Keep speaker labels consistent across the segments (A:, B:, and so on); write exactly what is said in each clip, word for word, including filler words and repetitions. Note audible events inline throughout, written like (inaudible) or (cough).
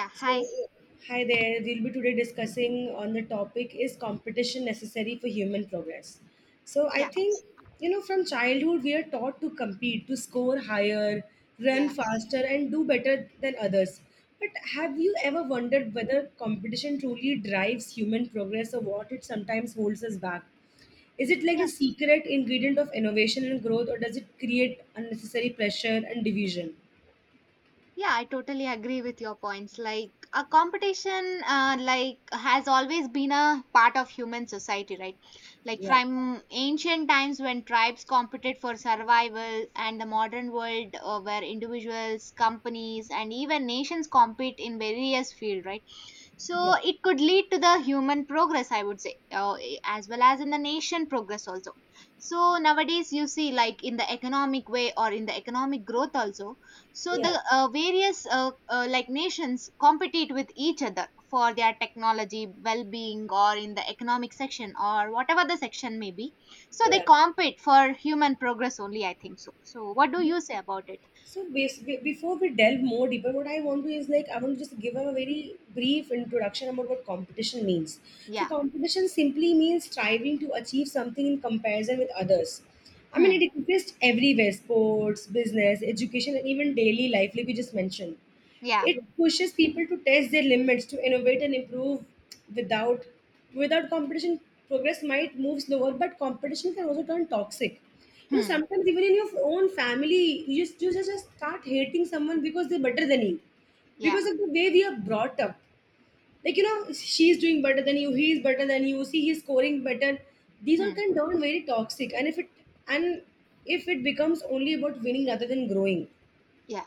A: Yeah,
B: So,
A: hi.
B: hi there. We'll be today discussing on the topic is competition necessary for human progress? So, I
A: Yeah,
B: think, you know, from childhood, we are taught to compete, to score higher, run
A: yeah,
B: faster, and do better than others. But have you ever wondered whether competition truly drives human progress or what it sometimes holds us back? Is it like the
A: yeah.
B: secret ingredient of innovation and growth, or does it create unnecessary pressure and division?
A: Yeah, I totally agree with your points. Like a competition, uh, like has always been a part of human society, right? Like
B: Yeah,
A: from ancient times when tribes competed for survival, and the modern world uh, where individuals, companies, and even nations compete in various fields, right? So
B: yeah,
A: it could lead to the human progress, I would say, uh, as well as in the nation progress also. So nowadays, you see, like in the economic way or in the economic growth also, so
B: yeah,
A: the uh, various uh, uh, like nations compete with each other for their technology, well-being, or in the economic section or whatever the section may be. So they
B: yeah.
A: compete for human progress only, I think so. So what do you say about it?
B: So bas- be- before we delve more deeper, what I want to is like I want to just give a very brief introduction about what competition means. So
A: Yeah.
B: competition simply means striving to achieve something in comparison with others. I
A: Hmm.
B: mean, it exists everywhere: sports, business, education, and even daily life, like we just mentioned.
A: Yeah.
B: It pushes people to test their limits, to innovate and improve without without competition progress might move slower, but competition can also turn toxic. You know,
A: Hmm.
B: sometimes even in your own family, you just you just just start hating someone because they're better than you because
A: Yeah.
B: of the way we are brought up. Like, you know, she's doing better than you, he's better than you, see, he's scoring better. These all
A: Hmm.
B: can turn very toxic. And if it and if it becomes only about winning rather than growing.
A: Yeah.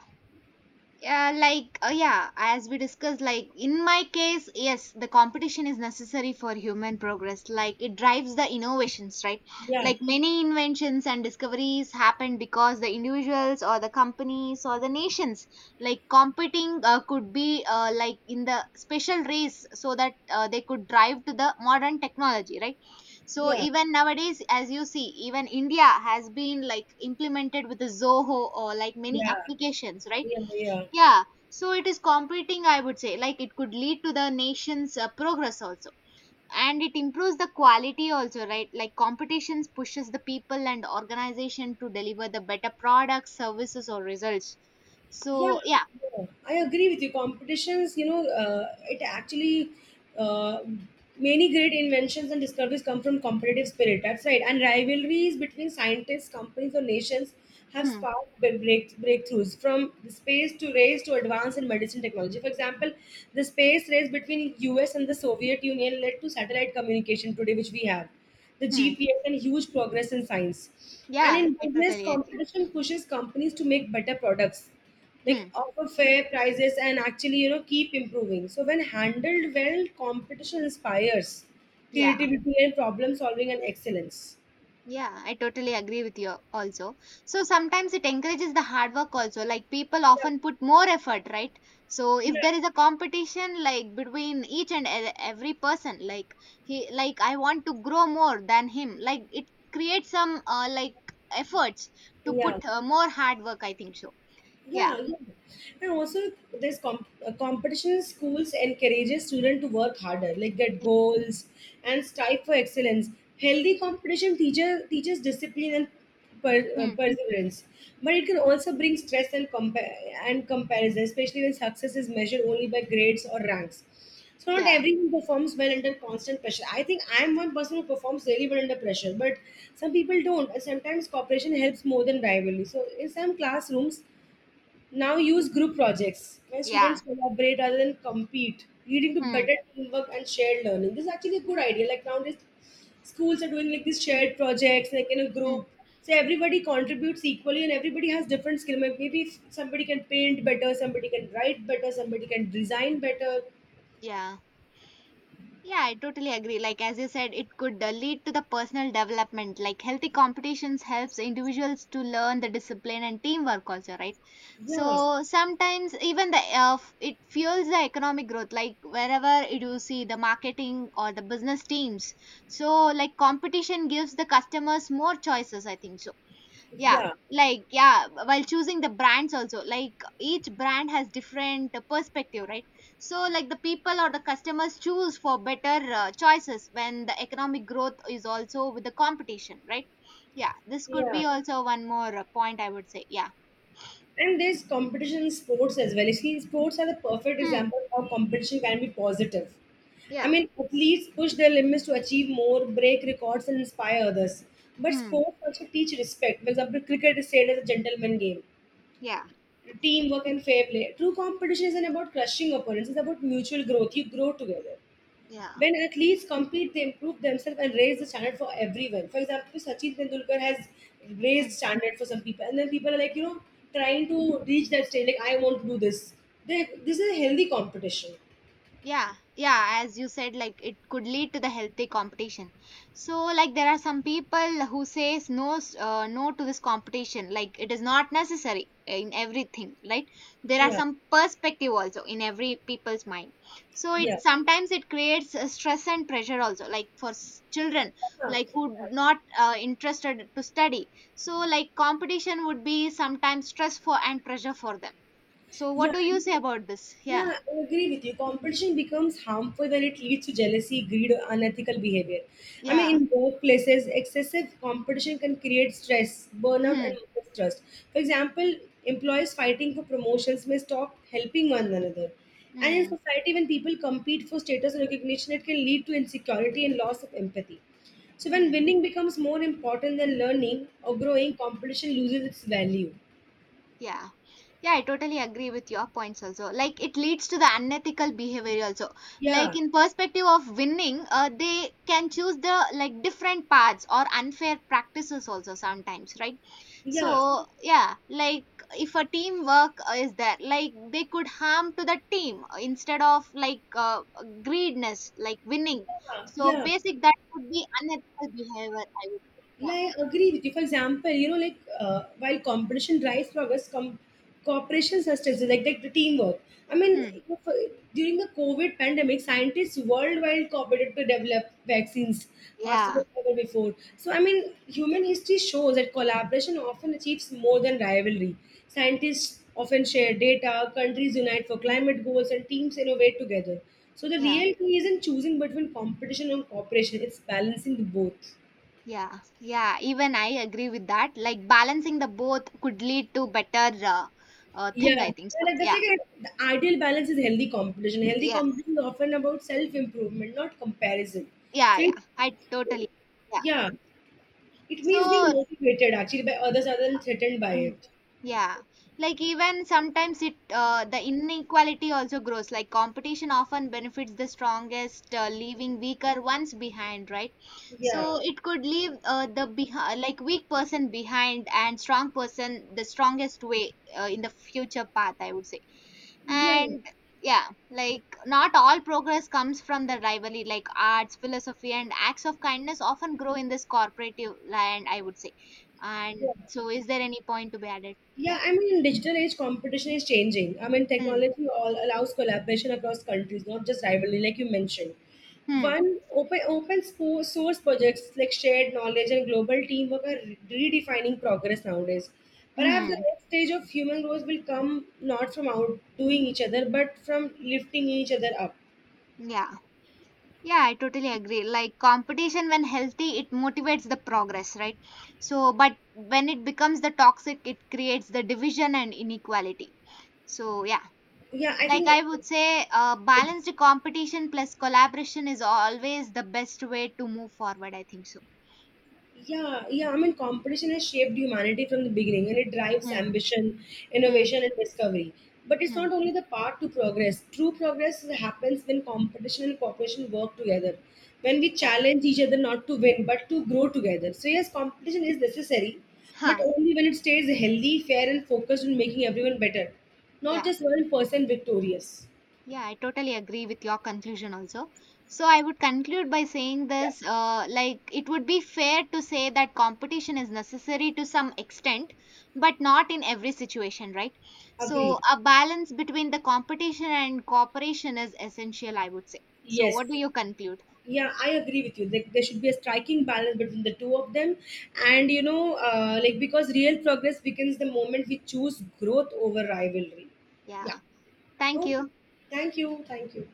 A: Yeah, like uh, yeah, as we discussed, like in my case, yes, the competition is necessary for human progress. Like it drives the innovations, right?
B: Yeah,
A: Like many inventions and discoveries happen because the individuals or the companies or the nations like competing uh, could be uh, like in the special race so that uh, they could drive to the modern technology, right? So
B: yeah,
A: even nowadays, as you see, even India has been like implemented with the Zoho or like many
B: yeah.
A: applications,
B: 不
A: right?
B: 用不用，
A: Yeah, so it is competing, I would say. Like it could lead to the nation's uh, progress also. And it improves the quality also, right? Like competitions pushes the people and organization to deliver the better products, services, or results.
B: Yeah,
A: So yeah.
B: yeah, I agree with you. Competitions, you know, uh, it actually uh, many great inventions and discoveries come from competitive spirit. That's right. And rivalries between scientists, companies, or nations have
A: Hmm.
B: sparked big break, breakthroughs from the space to race to advance in medicine technology. For example, the space race between U S and the Soviet Union led to satellite communication today, which we have. The
A: Hmm.
B: G P S and huge progress in science. And
A: Yeah,
B: in
A: I
B: business,
A: totally agree.
B: competition pushes companies to make better products, like
A: Hmm.
B: offer fair prices, and actually, you know, keep improving. So when handled well, competition inspires
A: Yeah.
B: creativity and problem solving and excellence.
A: Yeah, I totally agree with you also. So sometimes it encourages the hard work also. Like people
B: Yeah,
A: often put more effort, right? So if
B: yeah,
A: there is a competition like between each and e- every person, like he, like, I want to grow more than him, like it creates some uh, like efforts to put
B: yeah.
A: uh, more hard work, I think so. Yeah.
B: Yeah, yeah. And also, there's comp- uh, competition in schools encourages students to work harder, like get goals and strive for excellence. Healthy competition teacher teaches discipline and per- uh,
A: Mm.
B: perseverance, but it can also bring stress and compa- and comparison, especially when success is measured only by grades or ranks. So not
A: Yeah.
B: everyone performs well under constant pressure. I think I'm one person who performs really well under pressure, but some people don't. And sometimes cooperation helps more than rivalry. So in some classrooms, now
A: Yeah.
B: use group projects where
A: Yeah.
B: students collaborate rather than compete, leading to
A: Mm.
B: better teamwork and shared learning. This is actually a good idea. Like nowadays, schools are doing like these shared projects, like in a
A: Mm.
B: group. So everybody contributes equally and everybody has different skill. May- Maybe if somebody can paint better, somebody can write better, somebody can design better.
A: Yeah. Yeah, I totally agree. Like as you said, it could uh, lead to the personal development. Like healthy competitions helps individuals to learn the discipline and teamwork also, right?
B: Yeah,
A: So sometimes even the uh, f- it fuels the economic growth. Like wherever you see the marketing or the business teams, so like competition gives the customers more choices, I think so. Yeah,
B: yeah,
A: like yeah, while choosing the brands also, like each brand has different uh, perspective, right? So like the people or the customers choose for better uh, choices when the economic growth is also with the competition, right? Yeah, this could
B: yeah.
A: be also one more uh, point, I would say. Yeah.
B: And there's competition in sports as well. You see, sports are the perfect
A: Hmm.
B: example of how competition can be positive. I
A: Yeah.
B: mean, athletes push their limits to achieve more, break records, and inspire others. But
A: Hmm.
B: sports also teach respect. For example, cricket is said as a gentleman game.
A: Yeah.
B: Teamwork and fair play. True competition isn't about crushing opponents, it's about mutual growth. You grow together.
A: Yeah.
B: When athletes compete, they improve themselves and raise the standard for everyone. For example, Sachin Tendulkar has raised standard for some people, and then people are like, you know, trying to reach that stage. Like, I want to do this. They, this is a healthy competition.
A: Yeah. Yeah, as you said, like it could lead to the healthy competition. So like there are some people who says no, s- uh, no to this competition, like it is not necessary in everything, right? There are
B: Yeah,
A: some perspective also in every people's mind. So
B: yeah,
A: it sometimes, it creates a stress and pressure also, like for s- children,
B: yeah,
A: like who not uh, interested to study. So like competition would be sometimes stressful and pressure for them. So what
B: yeah.
A: do you say about this? Yeah.
B: Yeah, I agree with you. Competition becomes harmful when it leads to jealousy, greed, or unethical behavior. I
A: Yeah.
B: mean, in workplaces, excessive competition can create stress, burnout, and
A: (laughs)
B: mistrust. For example, employees fighting for promotions may stop helping one another. And in
A: Mm.
B: society, when people compete for status and recognition, it can lead to insecurity and loss of empathy. So, when
A: Mm.
B: winning becomes more important than learning or growing, competition loses its value.
A: Yeah. Yeah, I totally agree with your points also. Like it leads to the unethical behavior also. Like
B: Yeah,
A: in perspective of winning, uh, they can choose the like different paths or unfair practices also sometimes, right?
B: yeah,
A: So yeah, like if a teamwork uh, is there, like they could harm to the team uh, instead of like uh, greediness, like winning.
B: yeah,
A: So
B: yeah.
A: basic that would be unethical behavior, I would say.
B: Yeah, I agree with you. For example, you know, like uh, while competition drives progress, com- cooperation sustains it, like, like the teamwork. I mean,
A: Yeah. Hmm.
B: for- during the COVID pandemic, scientists worldwide cooperated to develop vaccines faster
A: Yeah.
B: than ever before. So, I mean, human history shows that collaboration often achieves more than rivalry. Scientists often share data, countries unite for climate goals, and teams innovate together. So, the
A: Yeah.
B: real key isn't choosing between competition and cooperation, it's balancing the both.
A: Yeah, yeah, even I agree with that. Like balancing the both could lead to better uh, uh, thing,
B: Yeah,
A: I think.
B: and
A: So,
B: like that's
A: yeah,
B: like a, the ideal balance is healthy competition. Healthy
A: yeah,
B: competition is often about self improvement, not comparison.
A: yeah,
B: So,
A: yeah.
B: it,
A: I totally, yeah.
B: yeah, it means being
A: So,
B: motivated actually by others other than threatened by
A: mm.
B: it.
A: Yeah, like even sometimes it uh, the inequality also grows. Like competition often benefits the strongest, uh, leaving weaker ones behind, right?
B: Yeah,
A: So it could leave uh, the behi- like weak person behind and strong person the strongest way uh, in the future path, I would say.
B: yeah,
A: And yeah, like not all progress comes from the rivalry. Like arts, philosophy, and acts of kindness often grow in this cooperative land, I would say.
B: yeah.
A: And so, is there any point to be added?
B: Yeah,
A: Yeah.
B: I mean, digital age competition is changing. I mean,
A: Hmm.
B: technology all allows collaboration across countries, not just rivalry, like you mentioned.
A: Hmm.
B: One open open sco- source projects like shared knowledge and global teamwork are redefining progress nowadays. Perhaps the
A: Hmm.
B: next stage of human growth will come not from outdoing each other, but from lifting each other up.
A: Yeah. Yeah, I totally agree. Like competition, when healthy, it motivates the progress, right? So, but when it becomes the toxic, it creates the division and inequality. So, yeah,
B: Yeah, I
A: like
B: think
A: I would say, uh, balanced competition plus collaboration is always the best way to move forward, I think so.
B: yeah, yeah. I mean, competition has shaped humanity from the beginning and it drives
A: Hmm.
B: ambition,
A: Hmm.
B: innovation, and discovery. But it's
A: Hmm.
B: not only the path to progress. True progress happens when competition and cooperation work together, when we
A: Yeah.
B: challenge each other not to win but to grow together. So, yes, competition is necessary, but
A: Huh.
B: only when it stays healthy, fair, and focused on making everyone better, not
A: Yeah.
B: just one person victorious.
A: Yeah, I totally agree with your conclusion also. So, I would conclude by saying
B: Yeah,
A: this, uh, like, it would be fair to say that competition is necessary to some extent, but not in every situation, right? So,
B: agreed.
A: a balance between the competition and cooperation is essential, I would say. So,
B: Yes.
A: what do you conclude?
B: Yeah, I agree with you, like there should be a striking balance between the two of them. And you know, uh, like because real progress begins the moment we choose growth over rivalry. Yeah,
A: Yeah, thank
B: okay,
A: you.
B: thank you, thank you.